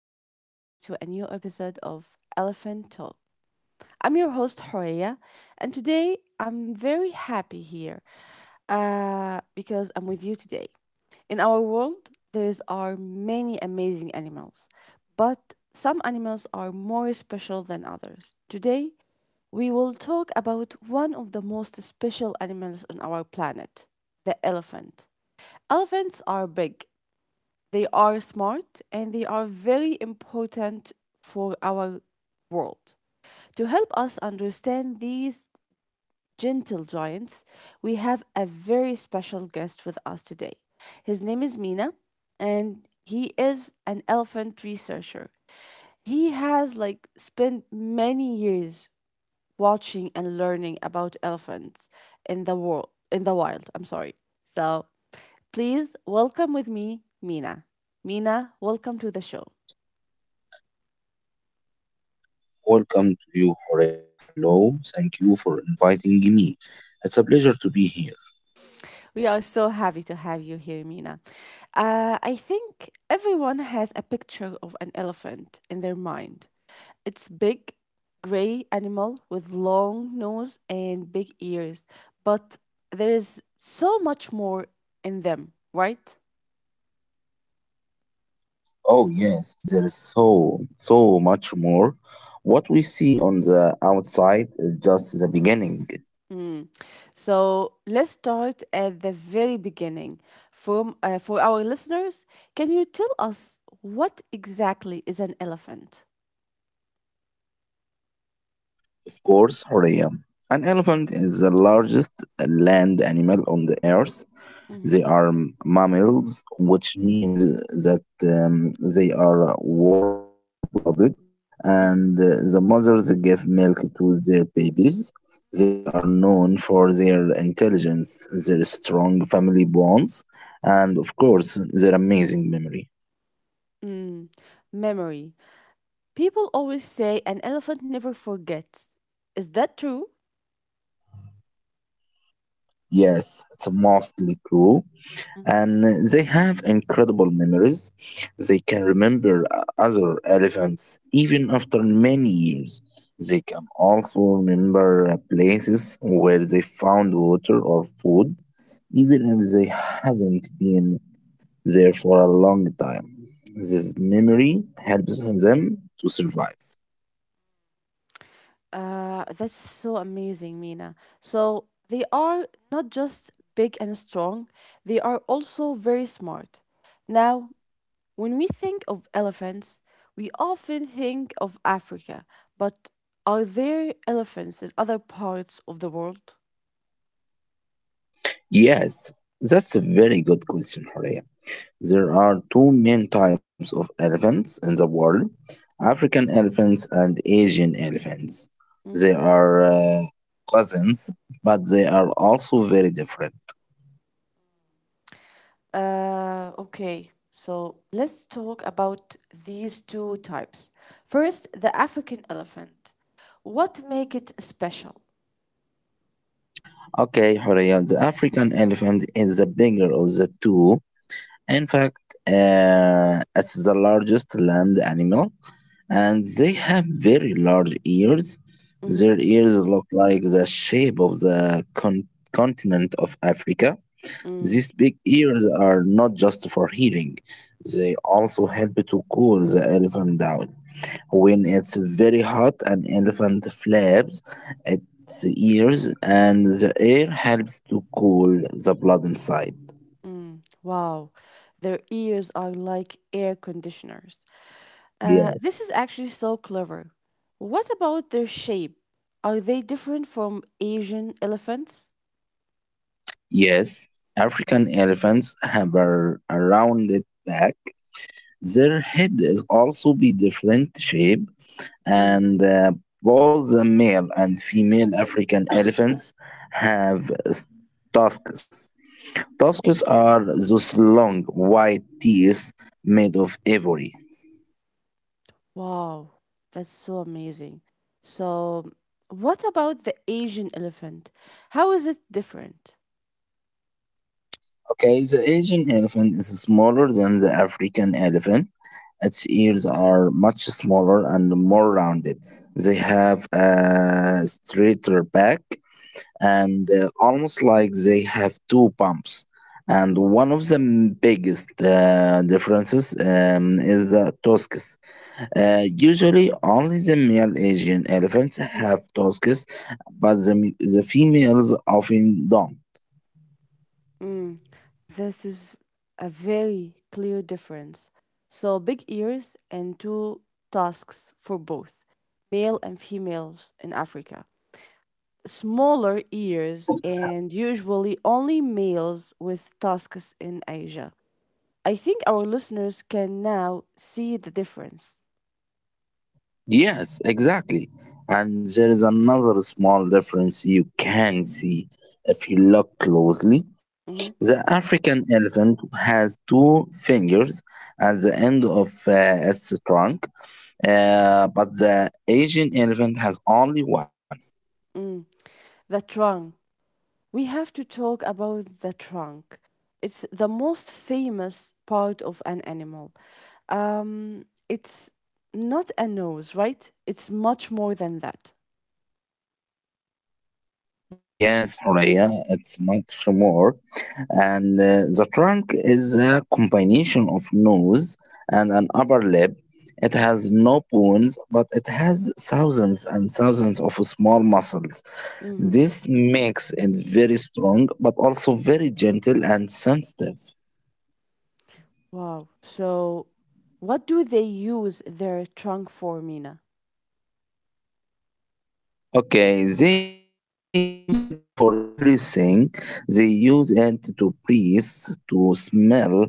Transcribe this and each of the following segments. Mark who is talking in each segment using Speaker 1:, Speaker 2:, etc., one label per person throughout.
Speaker 1: welcome back to a new episode of Elephant Talk. I'm your host Horia and today I'm very happy here because I'm with you today. In our world there are many amazing animals, but some animals are more special than others. Today we will talk about one of the most special animals on our planet, the elephant. Elephants are big, they are smart and they are very important for our world. To help us understand these gentle giants, we have a very special guest with us today. His name is Mina and he is an elephant researcher. He has like spent many years watching and learning about elephants in the wild. I'm sorry. So please welcome with me Mina. Mina, welcome to the show.
Speaker 2: Welcome to you, Horea. Hello. Thank you for inviting me. It's a pleasure to be here.
Speaker 1: We are so happy to have you here, Mina. I think everyone has a picture of an elephant in their mind. It's big, gray animal with long nose and big ears, but there is so much more in them, right?
Speaker 2: Oh, yes, there is so, so much more. What we see on the outside is just the beginning.
Speaker 1: Mm. So let's start at the very beginning. For our listeners, can you tell us what exactly is an elephant?
Speaker 2: Of course, Horea. An elephant is the largest land animal on the earth.
Speaker 1: Mhm.
Speaker 2: They are mammals, which means that they are warm blooded, and
Speaker 1: Mm.
Speaker 2: the mothers give milk to their babies. They are known for their intelligence, their strong family bonds, and of course, their amazing memory.
Speaker 1: Mm. Memory. People always say an elephant never forgets. Is that true?
Speaker 2: Yes, it's mostly true.
Speaker 1: Mhm.
Speaker 2: And they have incredible memories. They can remember other elephants even after many years. They can also remember places where they found water or food, even if they haven't been there for a long time. This memory helps them to survive.
Speaker 1: That's so amazing, Mina. So they are not just big and strong, they are also very smart. Now, when we think of elephants, we often think of Africa, but are there elephants in other parts of the world?
Speaker 2: Yes, that's a very good question, Horea. There are two main types of elephants in the world: African elephants and Asian elephants. They
Speaker 1: Mm.
Speaker 2: are cousins, but they are also very different.
Speaker 1: Okay, so let's talk about these two types. First, the African elephant. What make it special?
Speaker 2: Okay, Horia, the African elephant is the bigger of the two. In fact, it's the largest land animal, and they have very large ears.
Speaker 1: Mhm.
Speaker 2: Their ears look like the shape of the continent of Africa.
Speaker 1: Mm.
Speaker 2: These big ears are not just for hearing, they also help to cool the elephant down. When it's very hot, an elephant flaps its ears, and the air helps to cool the blood inside.
Speaker 1: Mm, wow, their ears are like air conditioners. This
Speaker 2: Yes.
Speaker 1: is actually so clever. What about their shape? Are they different from Asian elephants?
Speaker 2: Yes, African elephants have a rounded back. Their head is also be different shape
Speaker 1: Mm,
Speaker 2: and both the male and female African elephants have tusks. Tusks are those long white teeth made of ivory.
Speaker 1: wow, that's so amazing. So, what about the Asian elephant? How is it different?
Speaker 2: Okay, the Asian elephant is smaller than the African elephant. Its ears are much smaller and more rounded. They have a straighter back and almost like they have two pumps. And one of the biggest differences is the tusks. Usually, only the male Asian elephants have tusks, but the females often don't.
Speaker 1: Mm, this is a very clear difference. So, big ears and two tusks for both male and females in Africa. Smaller ears and usually only males with tusks in Asia. I think our listeners can now see the difference.
Speaker 2: Yes, exactly. And there is another small difference you can see if you look closely.
Speaker 1: Mhm.
Speaker 2: The African elephant has two fingers at the end of its trunk, but the Asian elephant has only one.
Speaker 1: Mm, the trunk. We have to talk about the trunk. It's the most famous part of an animal. It's not a nose, right? It's much more than that.
Speaker 2: Yes, Horea, it's much more. And the trunk is a combination of nose and an upper lip. It has no bones, but it has thousands and thousands of small muscles.
Speaker 1: Hmm.
Speaker 2: This makes it very strong, but also very gentle and sensitive.
Speaker 1: Wow. So, what do they use their trunk for, Mina?
Speaker 2: Okay, they use it for everything. They use it to breathe, to smell,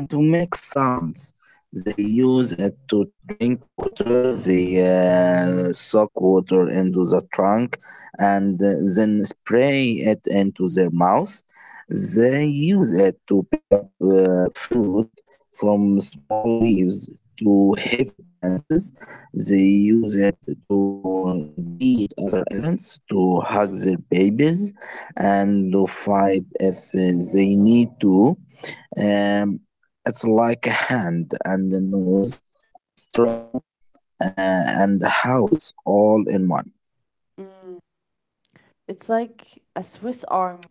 Speaker 2: and to make sounds. They use it to drink water. They suck water into the trunk and then spray it into their mouth. They use it to pick up food from small leaves to heavy branches. They use it to greet other elephants, to
Speaker 1: Mhm.
Speaker 2: hug their babies, and to fight if they need to. Um, it's like a hand and a nose, a straw, and a house all in one.
Speaker 1: Mm. It's like a Swiss arm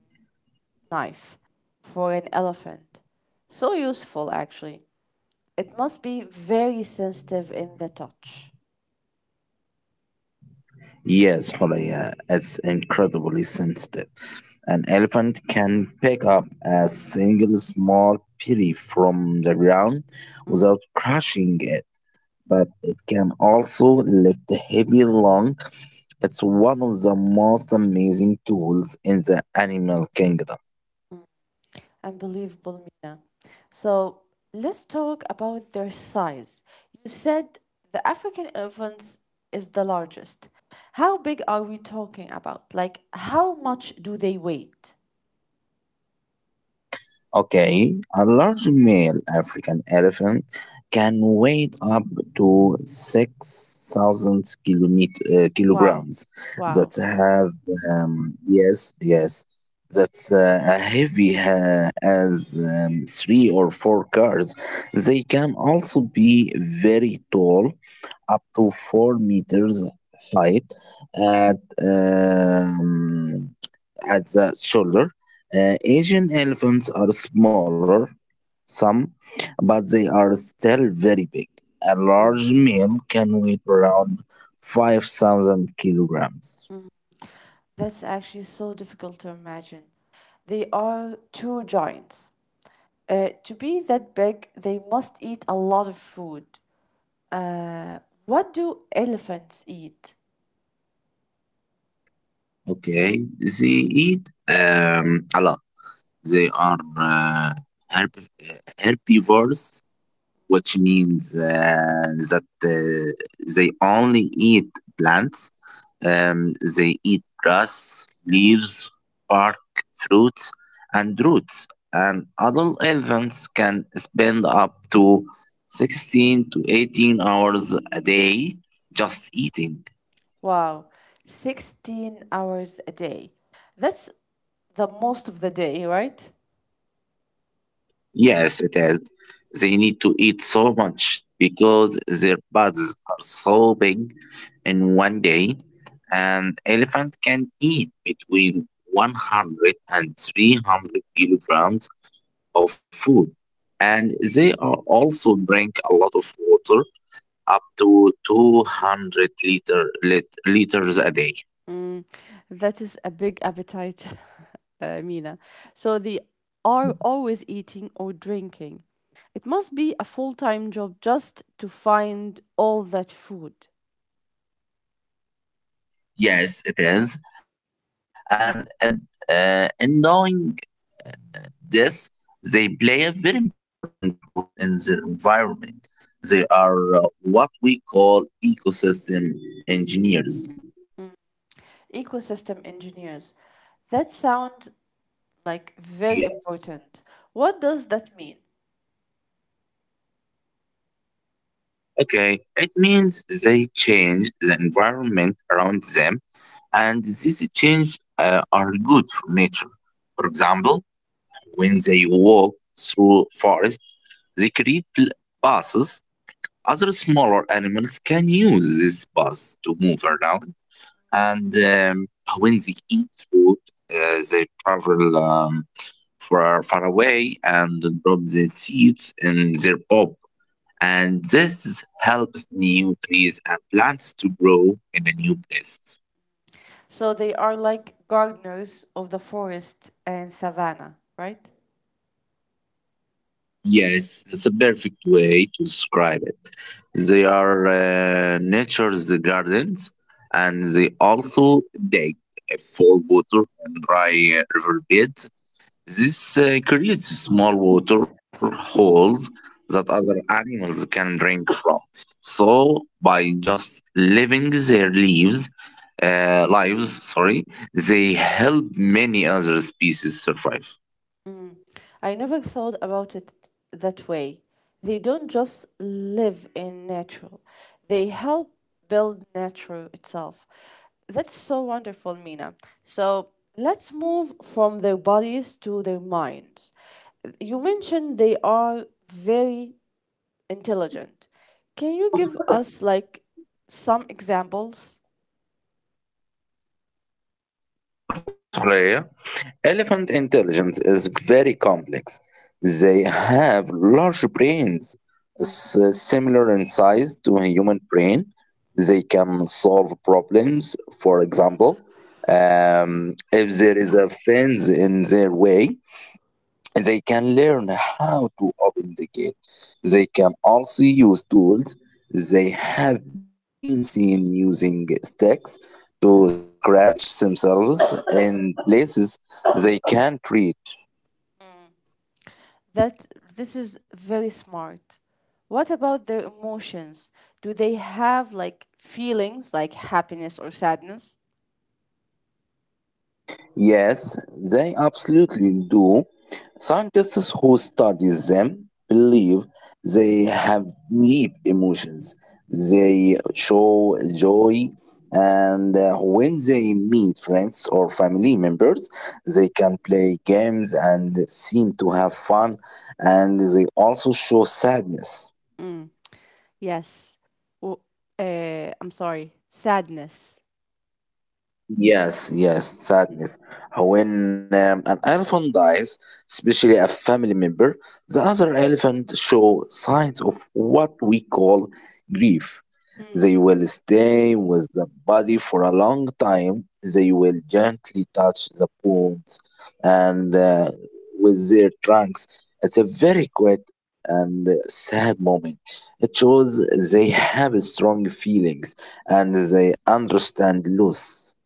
Speaker 1: knife for an elephant. So useful, actually. It must be very sensitive in the touch.
Speaker 2: Yes, Horaya, it's incredibly sensitive. An elephant can pick up a single small pili from the ground without crushing it, but it can also lift heavy lung. It's one of the most amazing tools in the animal kingdom.
Speaker 1: Unbelievable, Mina. So let's talk about their size. You said the African elephants is the largest. How big are we talking about? Like, how much do they weight?
Speaker 2: Okay, a large male African elephant can weigh up to 6,000
Speaker 1: Wow.
Speaker 2: kilograms. That
Speaker 1: Wow.
Speaker 2: have, yes, yes, that's a heavy as three or four cars. They can also be very tall, up to 4 meters height at, um, at the shoulder. Asian elephants are smaller, some, but they are still very big. A
Speaker 1: Mm,
Speaker 2: large male can weigh around 5,000 kilograms.
Speaker 1: mm. That's actually so difficult to imagine. They are true giants. To be that big, they must eat a lot of food. Uh, what do elephants eat?
Speaker 2: Okay, they eat a lot. They are herb- herbivores, which means that they only eat plants. They eat grass, leaves, bark, fruits, and roots. And adult elephants can spend up to 16 to 18 hours a day just eating.
Speaker 1: Wow, 16 hours a day. That's the most of the day, right?
Speaker 2: Yes, it is. They need to eat so much because their bodies are so big. In one day, an elephant can eat between 100 and 300 kilograms of food. And they are also drink a lot of water, up to 200 liters a day.
Speaker 1: Mm, that is a big appetite, Mina. So they are always eating or drinking. It must be a full time job just to find all that food.
Speaker 2: Yes, it is. And annoying this, they play a very important role in their environment. They are what we call ecosystem engineers.
Speaker 1: Ecosystem engineers. That sound like very
Speaker 2: Yes.
Speaker 1: important. What does that mean?
Speaker 2: Okay. It means they change the environment around them, and these change are good for nature. For example, when they walk through forest, they create paths. Other smaller animals can use these paths to move around, and when they eat food, they travel far, far away and drop the seeds in their pop. And this helps new trees and plants to grow in a new place.
Speaker 1: So they are like gardeners of the forest and savanna, right?
Speaker 2: Yes, that's a perfect way to describe it. They are nature's gardens, and they also dig for water and dry river beds. This creates small water holes that other animals can drink from. So, by just living their leaves, lives, sorry, they help many other species survive.
Speaker 1: Mm. I never thought about it that way. They don't just live in nature, they help build nature itself. That's so wonderful, Mina. So let's move from their bodies to their minds. You mentioned they are very intelligent. Can you give us like some examples?
Speaker 2: Of course, Horea. Elephant intelligence is very complex. They have large brains,
Speaker 1: Mm-hmm.
Speaker 2: similar in size to a human brain. They can solve problems. For example, if there is a fence in their way, they can learn how to open the gate. They can also use tools. They have been seen using sticks to scratch themselves in places they can't reach.
Speaker 1: that This is very smart. What about their emotions? Do they have like feelings like happiness or sadness?
Speaker 2: Yes, they absolutely do. Scientists who study them believe they have deep emotions. They show joy, and when they meet friends or family members, they can play games and seem to have fun, and they also show sadness.
Speaker 1: Mm. Yes. W- I'm sorry. Sadness.
Speaker 2: Yes, yes, sadness. When an elephant dies, especially a family member, the other elephant show signs of what we call grief.
Speaker 1: Mm.
Speaker 2: They will stay with the body for a long time. They will gently touch the bones, and with their trunks. It's a very quiet and sad moment. It shows they have strong feelings and they understand loss.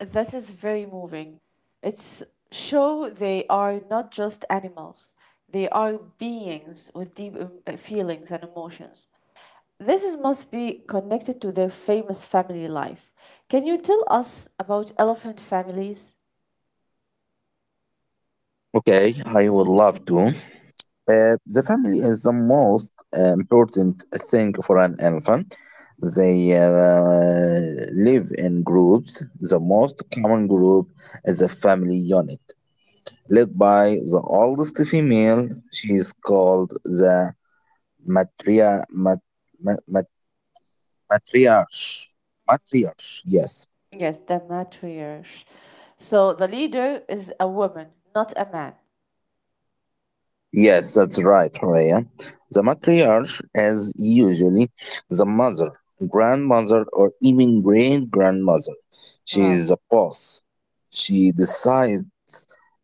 Speaker 1: That is very moving. It's show they are not just animals. They are beings with deep feelings and emotions. This must be connected to their famous family life. Can you tell us about elephant families?
Speaker 2: Okay, I would love to. The family is the most important thing for an elephant. They live in groups. The most common group is a family unit, led by the oldest female. She is called the matria, mat, mat, mat- matriarch. Matriarch, yes.
Speaker 1: Yes, the matriarch. So the leader is a woman, not a man.
Speaker 2: Yes, that's right, Horea. The matriarch is usually the mother, grandmother, or even great grandmother. She is
Speaker 1: Wow.
Speaker 2: the boss. She decides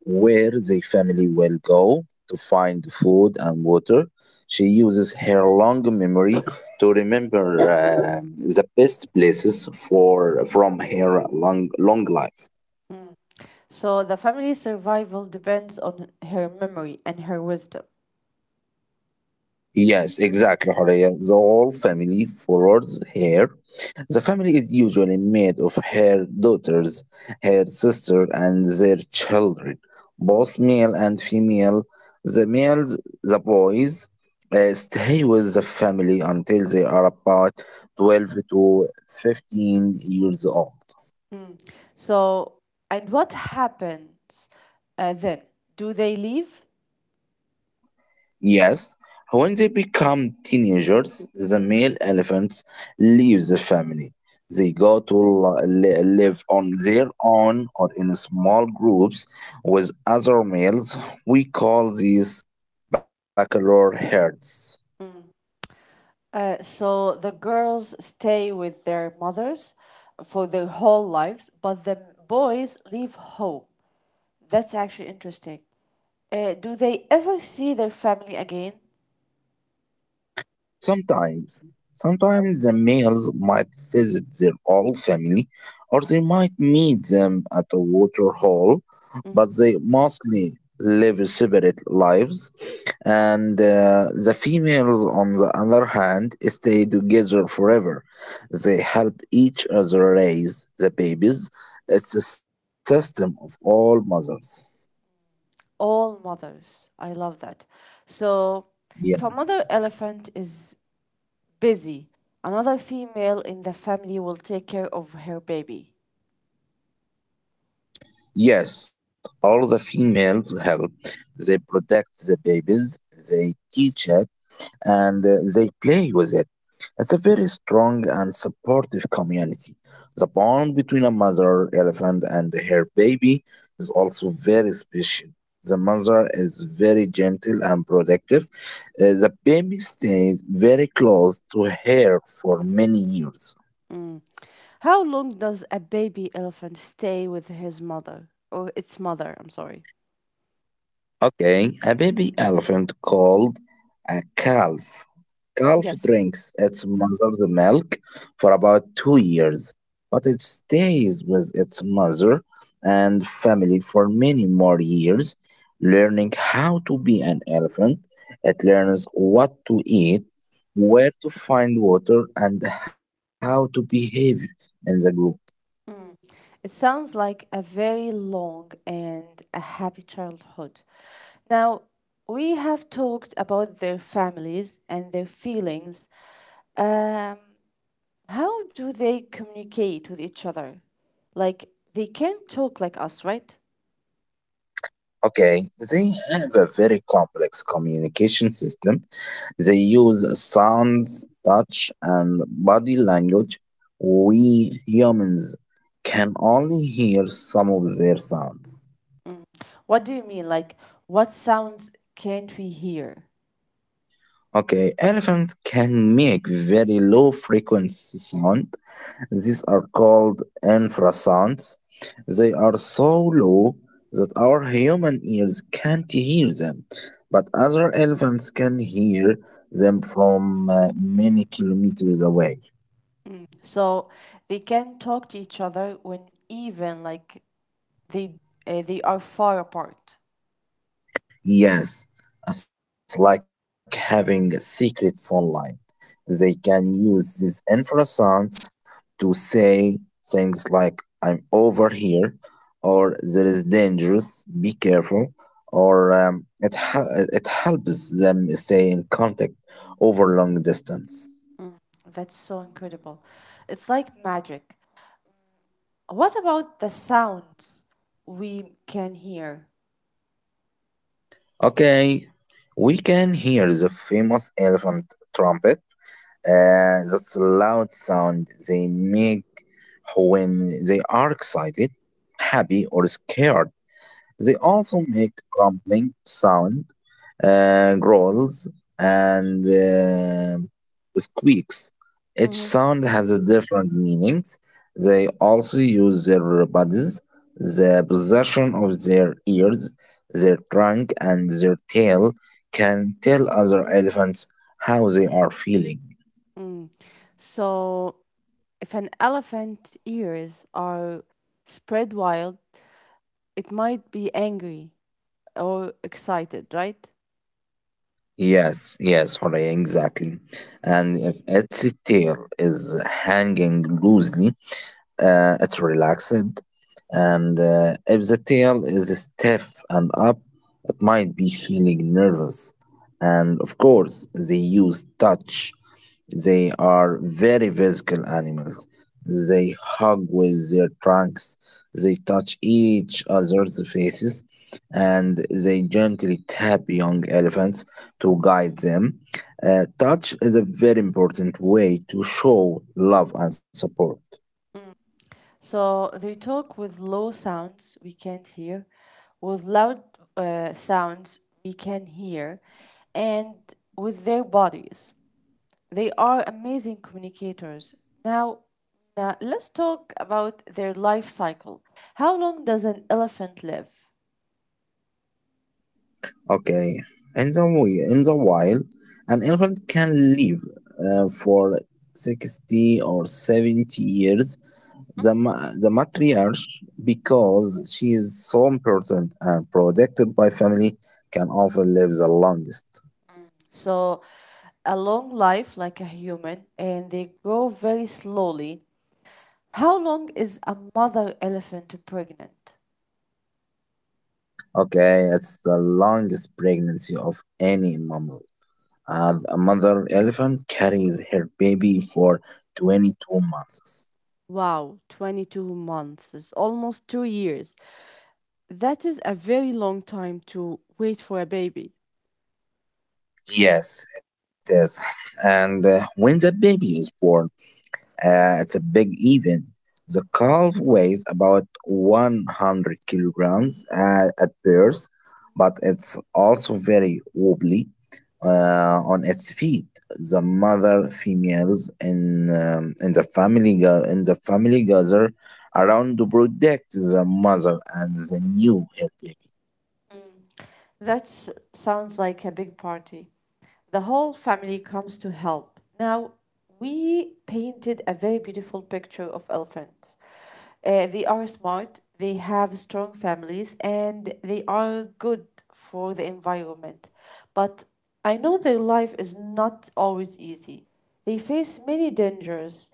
Speaker 2: where the family will go to find food and water. She uses her long memory to remember the best places for from her long long life.
Speaker 1: Mm, so the family survival depends on her memory and her wisdom.
Speaker 2: Yes, exactly, Horea. The whole family follows her. The family is usually made of her daughters, her sister, and their children, both male and female. The males, the boys, stay with the family until they are about 12 to 15 years old.
Speaker 1: Mm. So, and what happens then? Do they leave?
Speaker 2: Yes, when they become teenagers, the male elephants leave the family. They go to live on their own or in small groups with other males. We call these bachelor herds.
Speaker 1: So the girls stay with their mothers for their whole lives, but the boys leave home. That's actually interesting. Do they ever see their family again?
Speaker 2: Sometimes, sometimes the males might visit their old family, or they might meet them at a water hole,
Speaker 1: Mhm.
Speaker 2: but they mostly live separate lives, and the females, on the other hand, stay together forever. They help each other raise the babies. It's a system of all mothers.
Speaker 1: All mothers. I love that.
Speaker 2: Yes.
Speaker 1: So, if a mother elephant is busy, another female in the family will take care of her baby.
Speaker 2: Yes, all the females help. They protect the babies, they teach it, and they play with it. It's a very strong and supportive community. The bond between a mother elephant and her baby is also very special. The mother is very gentle and protective. The baby stays very close to her for many years.
Speaker 1: Mm. How long does a baby elephant stay with his mother or its mother? I'm sorry.
Speaker 2: Okay, a baby elephant called a calf. Calf
Speaker 1: Yes.
Speaker 2: drinks its mother's milk for about 2 years, but it stays with its mother and family for many more years, learning how to be an elephant. It learns what to eat, where to find water, and how to behave in the group.
Speaker 1: Mm. It sounds like a very long and a happy childhood. Now, we have talked about their families and their feelings. Um, how do they communicate with each other? Like, they can't talk like us, right?
Speaker 2: Okay, they have a very complex communication system. They use sounds, touch, and body language. We humans can only hear some of their sounds.
Speaker 1: Mm. What do you mean? Like, what sounds can't we hear?
Speaker 2: Okay, elephants can make very low frequency sound. These are called infrasounds. They are so low that our human ears can't hear them, but other elephants can hear them from many kilometers away.
Speaker 1: Mm. So they can talk to each other when even like they they are far apart.
Speaker 2: Yes, it's like having a secret phone line. They can use this infrasound to say things like, I'm over here, or there is danger, be careful, or it helps them stay in contact over long distance.
Speaker 1: Mm, that's so incredible. It's like magic. What about the sounds we can hear?
Speaker 2: Okay, we can hear the famous elephant trumpet. That's a loud sound they make when they are excited, happy, or scared. They also make grumbling sound, growls, and squeaks. Each
Speaker 1: Hmm.
Speaker 2: sound has a different meaning. They also use their bodies. The position of their ears, their trunk, and their tail can tell other elephants how they are feeling.
Speaker 1: Mm. So, if an elephant ears are spread wide, it might be angry or excited, right?
Speaker 2: Yes, yes, Horea, exactly. And if its tail is hanging loosely, it's relaxed. And if the tail is stiff and up, it might be feeling nervous. And of course, they use touch, they are very physical animals. They hug with their trunks, they touch each other's faces, and they gently tap young elephants to guide them. Touch is a very important way to show love and support.
Speaker 1: So they talk with low sounds we can't hear, with loud sounds we can hear, and with their bodies. They are amazing communicators. Now, let's talk about their life cycle. How long does an elephant live?
Speaker 2: Okay, in the wild, an elephant can live for 60 or 70 years. The matriarch, because she is so important and protected by family, can often live the longest.
Speaker 1: So, a long life like a human, and they grow very slowly. How long is a mother elephant pregnant?
Speaker 2: Okay, it's the longest pregnancy of any mammal. A mother elephant carries her baby for 22 months.
Speaker 1: Wow, 22 months is almost 2 years. That is a very long time to wait for a baby.
Speaker 2: Yes, it is. And when the baby is born, it's a big event. The calf weighs about 100 kilograms at birth, but it's also very wobbly on its feet. The mother females in the family ga- in the family gather around to protect the mother and the new her baby.
Speaker 1: That sounds like a big party. The whole family comes to help. Now, we painted a very beautiful picture of elephants. They are smart, they have strong families, and they are good for the environment. But I know their life is not always easy. They face many dangers.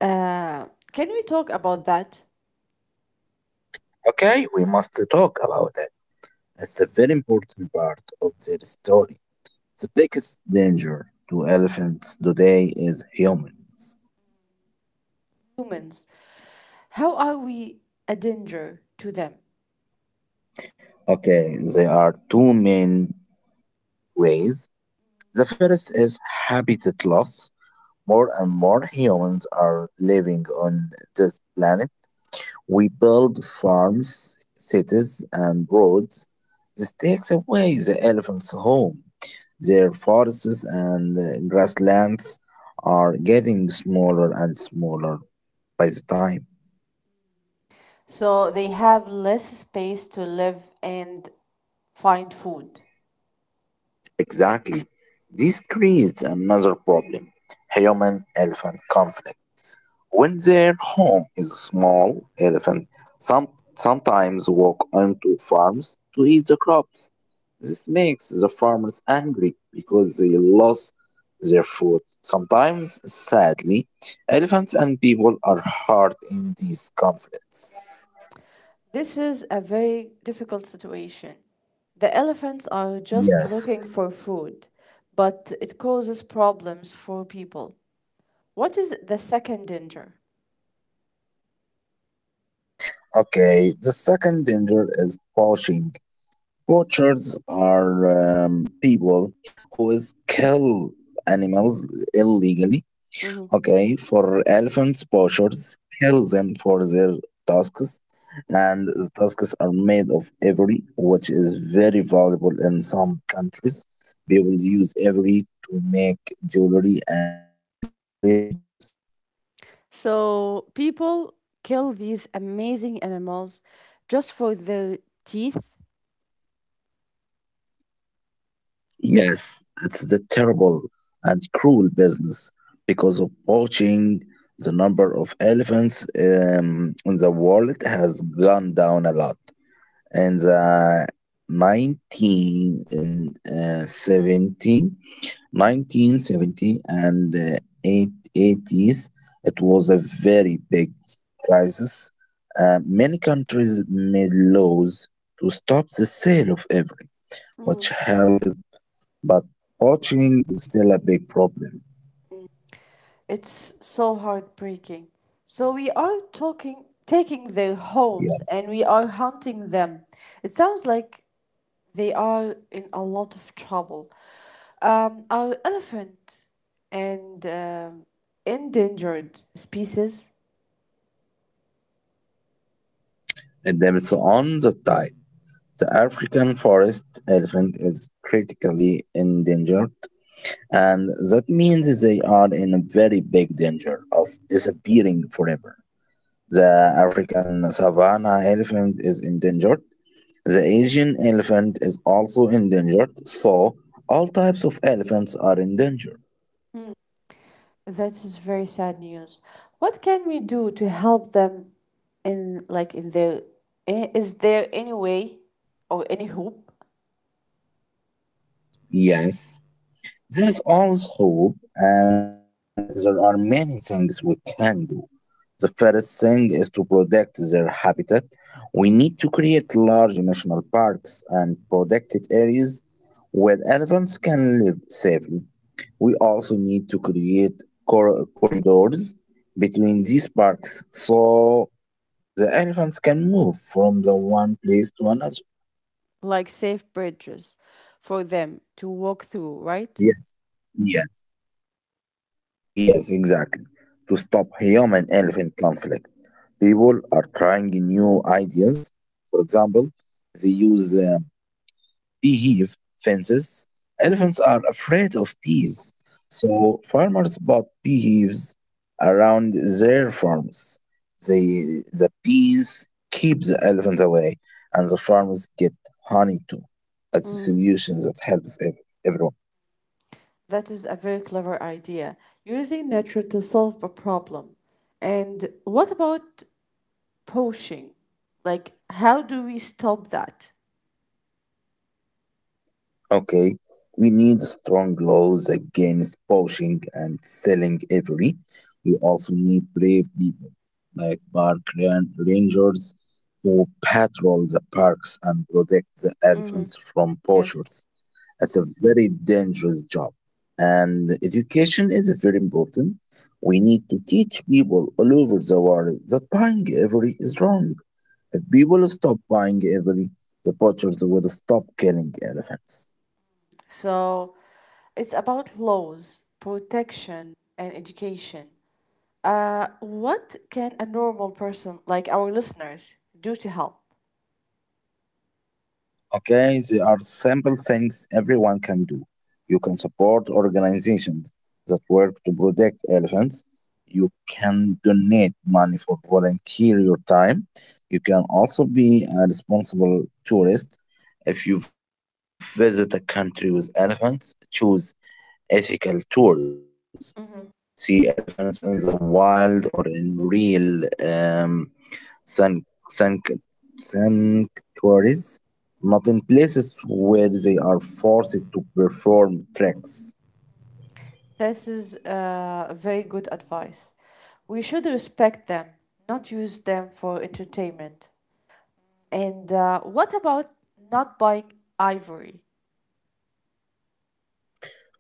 Speaker 1: Uh, can we talk about that?
Speaker 2: Okay, we must talk about it. It's a very important part of their story. The biggest danger to elephants today is humans.
Speaker 1: Humans, how are we a danger to them?
Speaker 2: Okay, there are two main ways. The first is habitat loss. More and more humans are living on this planet. We build farms, cities, and roads. This takes away the elephants' home. Their forests and grasslands are getting smaller and smaller by the time.
Speaker 1: So they have less space to live and find food.
Speaker 2: Exactly. This creates another problem, human elephant conflict. When their home is small, elephants some, sometimes walk onto farms to eat the crops. This makes the farmers angry because they lost their food. Sometimes, sadly, elephants and people are hurt in these conflicts.
Speaker 1: This is a very difficult situation. The elephants are
Speaker 2: Yes.
Speaker 1: just looking for food, but it causes problems for people. What is the second danger?
Speaker 2: Okay, the second danger is poaching. Poachers are people who is kill animals illegally,
Speaker 1: Mhm.
Speaker 2: okay? For elephants, poachers kill them for their tusks, and the tusks are made of ivory, which is very valuable in some countries. People use ivory to make jewelry and decorations.
Speaker 1: So people kill these amazing animals just for their teeth.
Speaker 2: Yes, it's the terrible and cruel business. Because of poaching, the number of elephants in the world has gone down a lot. In the 19 in uh, 70, 1970 and eight- eighties, it was a very big crisis. Many countries made laws to stop the sale of every, which helped, but poaching is still a big problem.
Speaker 1: It's so heartbreaking. So we are talking, taking their homes
Speaker 2: Yes.
Speaker 1: and we are hunting them. It sounds like they are in a lot of trouble. Are elephant and endangered species?
Speaker 2: It depends on the type. The African forest elephant is critically endangered, and that means they are in a very big danger of disappearing forever. The African savanna elephant is endangered. The Asian elephant is also endangered, so all types of elephants are endangered.
Speaker 1: Hmm, that is very sad news. What can we do to help them in like in their is there any way or any hope?
Speaker 2: Yes, there is always hope, and there are many things we can do. The first thing is to protect their habitat. We need to create large national parks and protected areas where elephants can live safely. We also need to create corridors between these parks, so the elephants can move from the one place to another.
Speaker 1: Like safe bridges for them to walk through, right?
Speaker 2: Yes, yes. Yes, exactly. To stop human elephant conflict, people are trying new ideas. For example, they use beehive fences.
Speaker 1: Mm-hmm.
Speaker 2: Elephants are afraid of bees, so farmers bought beehives around their farms. The bees keep the elephants away, and the farmers get honey too. That's a
Speaker 1: Mm-hmm.
Speaker 2: solution that helps everyone.
Speaker 1: Is a very clever idea. Using nature to solve a problem. And what about poaching? Like, how do we stop that?
Speaker 2: Okay, we need strong laws against poaching and selling ivory. We also need brave people like park rangers who patrol the parks and protect the
Speaker 1: Mm-hmm.
Speaker 2: elephants from
Speaker 1: Yes.
Speaker 2: poachers. That's a very dangerous job. And education is very important. We need to teach people all over the world that buying ivory is wrong. If people stop buying ivory, the poachers will stop killing elephants.
Speaker 1: So it's about laws, protection, and education. What can a normal person, like our listeners, do to help?
Speaker 2: Okay, there are simple things everyone can do. You can support organizations that work to protect elephants. You can donate money for volunteer your time. You can also be a responsible tourist. If you visit a country with elephants, choose ethical tours. See elephants in the wild or in real um, San- san sanctuaries, not in places where they are forced to perform tracks.
Speaker 1: This is very good advice. We should respect them, not use them for entertainment. And what about not buying ivory?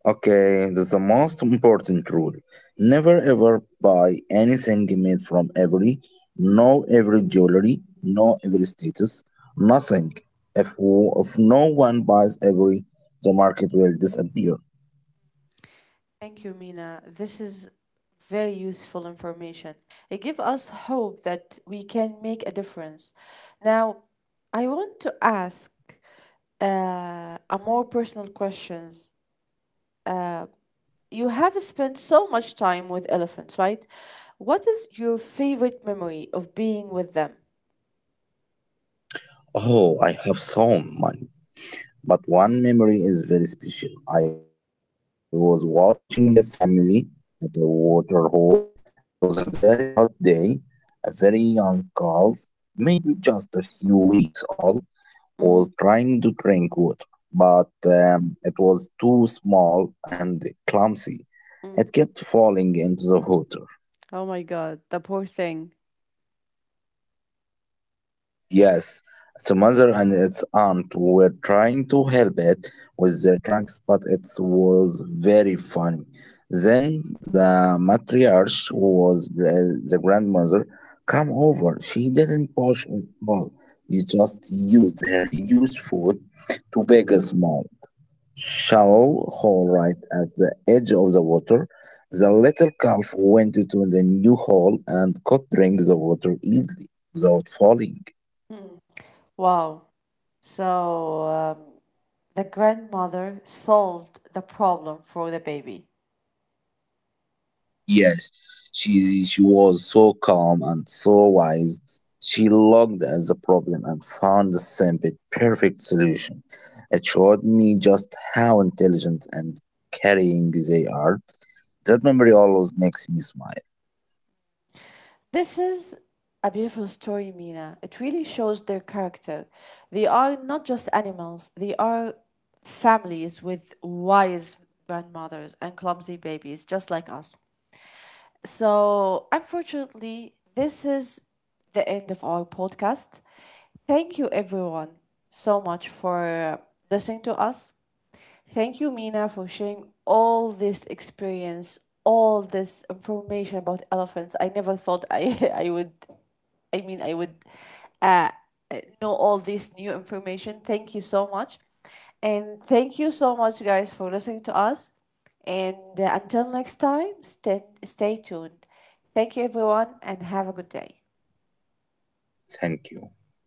Speaker 2: Okay, that's the most important rule. Never ever buy anything made from every, no every jewelry, no every status, nothing. If no one buys every, the market will disappear.
Speaker 1: Thank you, Mina. This is very useful information. It gives us hope that we can make a difference. Now, I want to ask a more personal questions. Uh, you have spent so much time with elephants, right? What is your favorite memory of being with them?
Speaker 2: Oh, I have so many. But one memory is very special. I was watching a family at a water hole. It was a very hot day. A very young calf, maybe just a few weeks old,
Speaker 1: Mm-hmm.
Speaker 2: was trying to drink water, but it was too small and clumsy.
Speaker 1: Mm.
Speaker 2: It kept falling into the water.
Speaker 1: Oh my god, the poor thing.
Speaker 2: Yes, the mother and its aunt were trying to help it with their trunks, but it was very funny. Then the matriarch, who was the grandmother, come over. She didn't push at all. She just used her huge foot to beg us shallow hole right at the edge of the water. The little calf went into the new hole and could drink the water easily without falling.
Speaker 1: Mm. Wow. So the grandmother solved the problem for the baby.
Speaker 2: Yes, she was so calm and so wise. She looked at the problem and found the simple, perfect solution. It showed me just how intelligent and caring they are. That memory always makes me smile.
Speaker 1: This is a beautiful story, Mina. It really shows their character. They are not just animals, they are families with wise grandmothers and clumsy babies, just like us. So, unfortunately, this is the end of our podcast. Thank you, everyone, so much for listening to us. Thank you, Mina, for sharing all this experience, all this information about elephants. I never thought I would uh, know all this new information. Thank you so much. And thank you so much, guys, for listening to us. And until next time, stay tuned. Thank you, everyone, and have a good day.
Speaker 2: Thank you.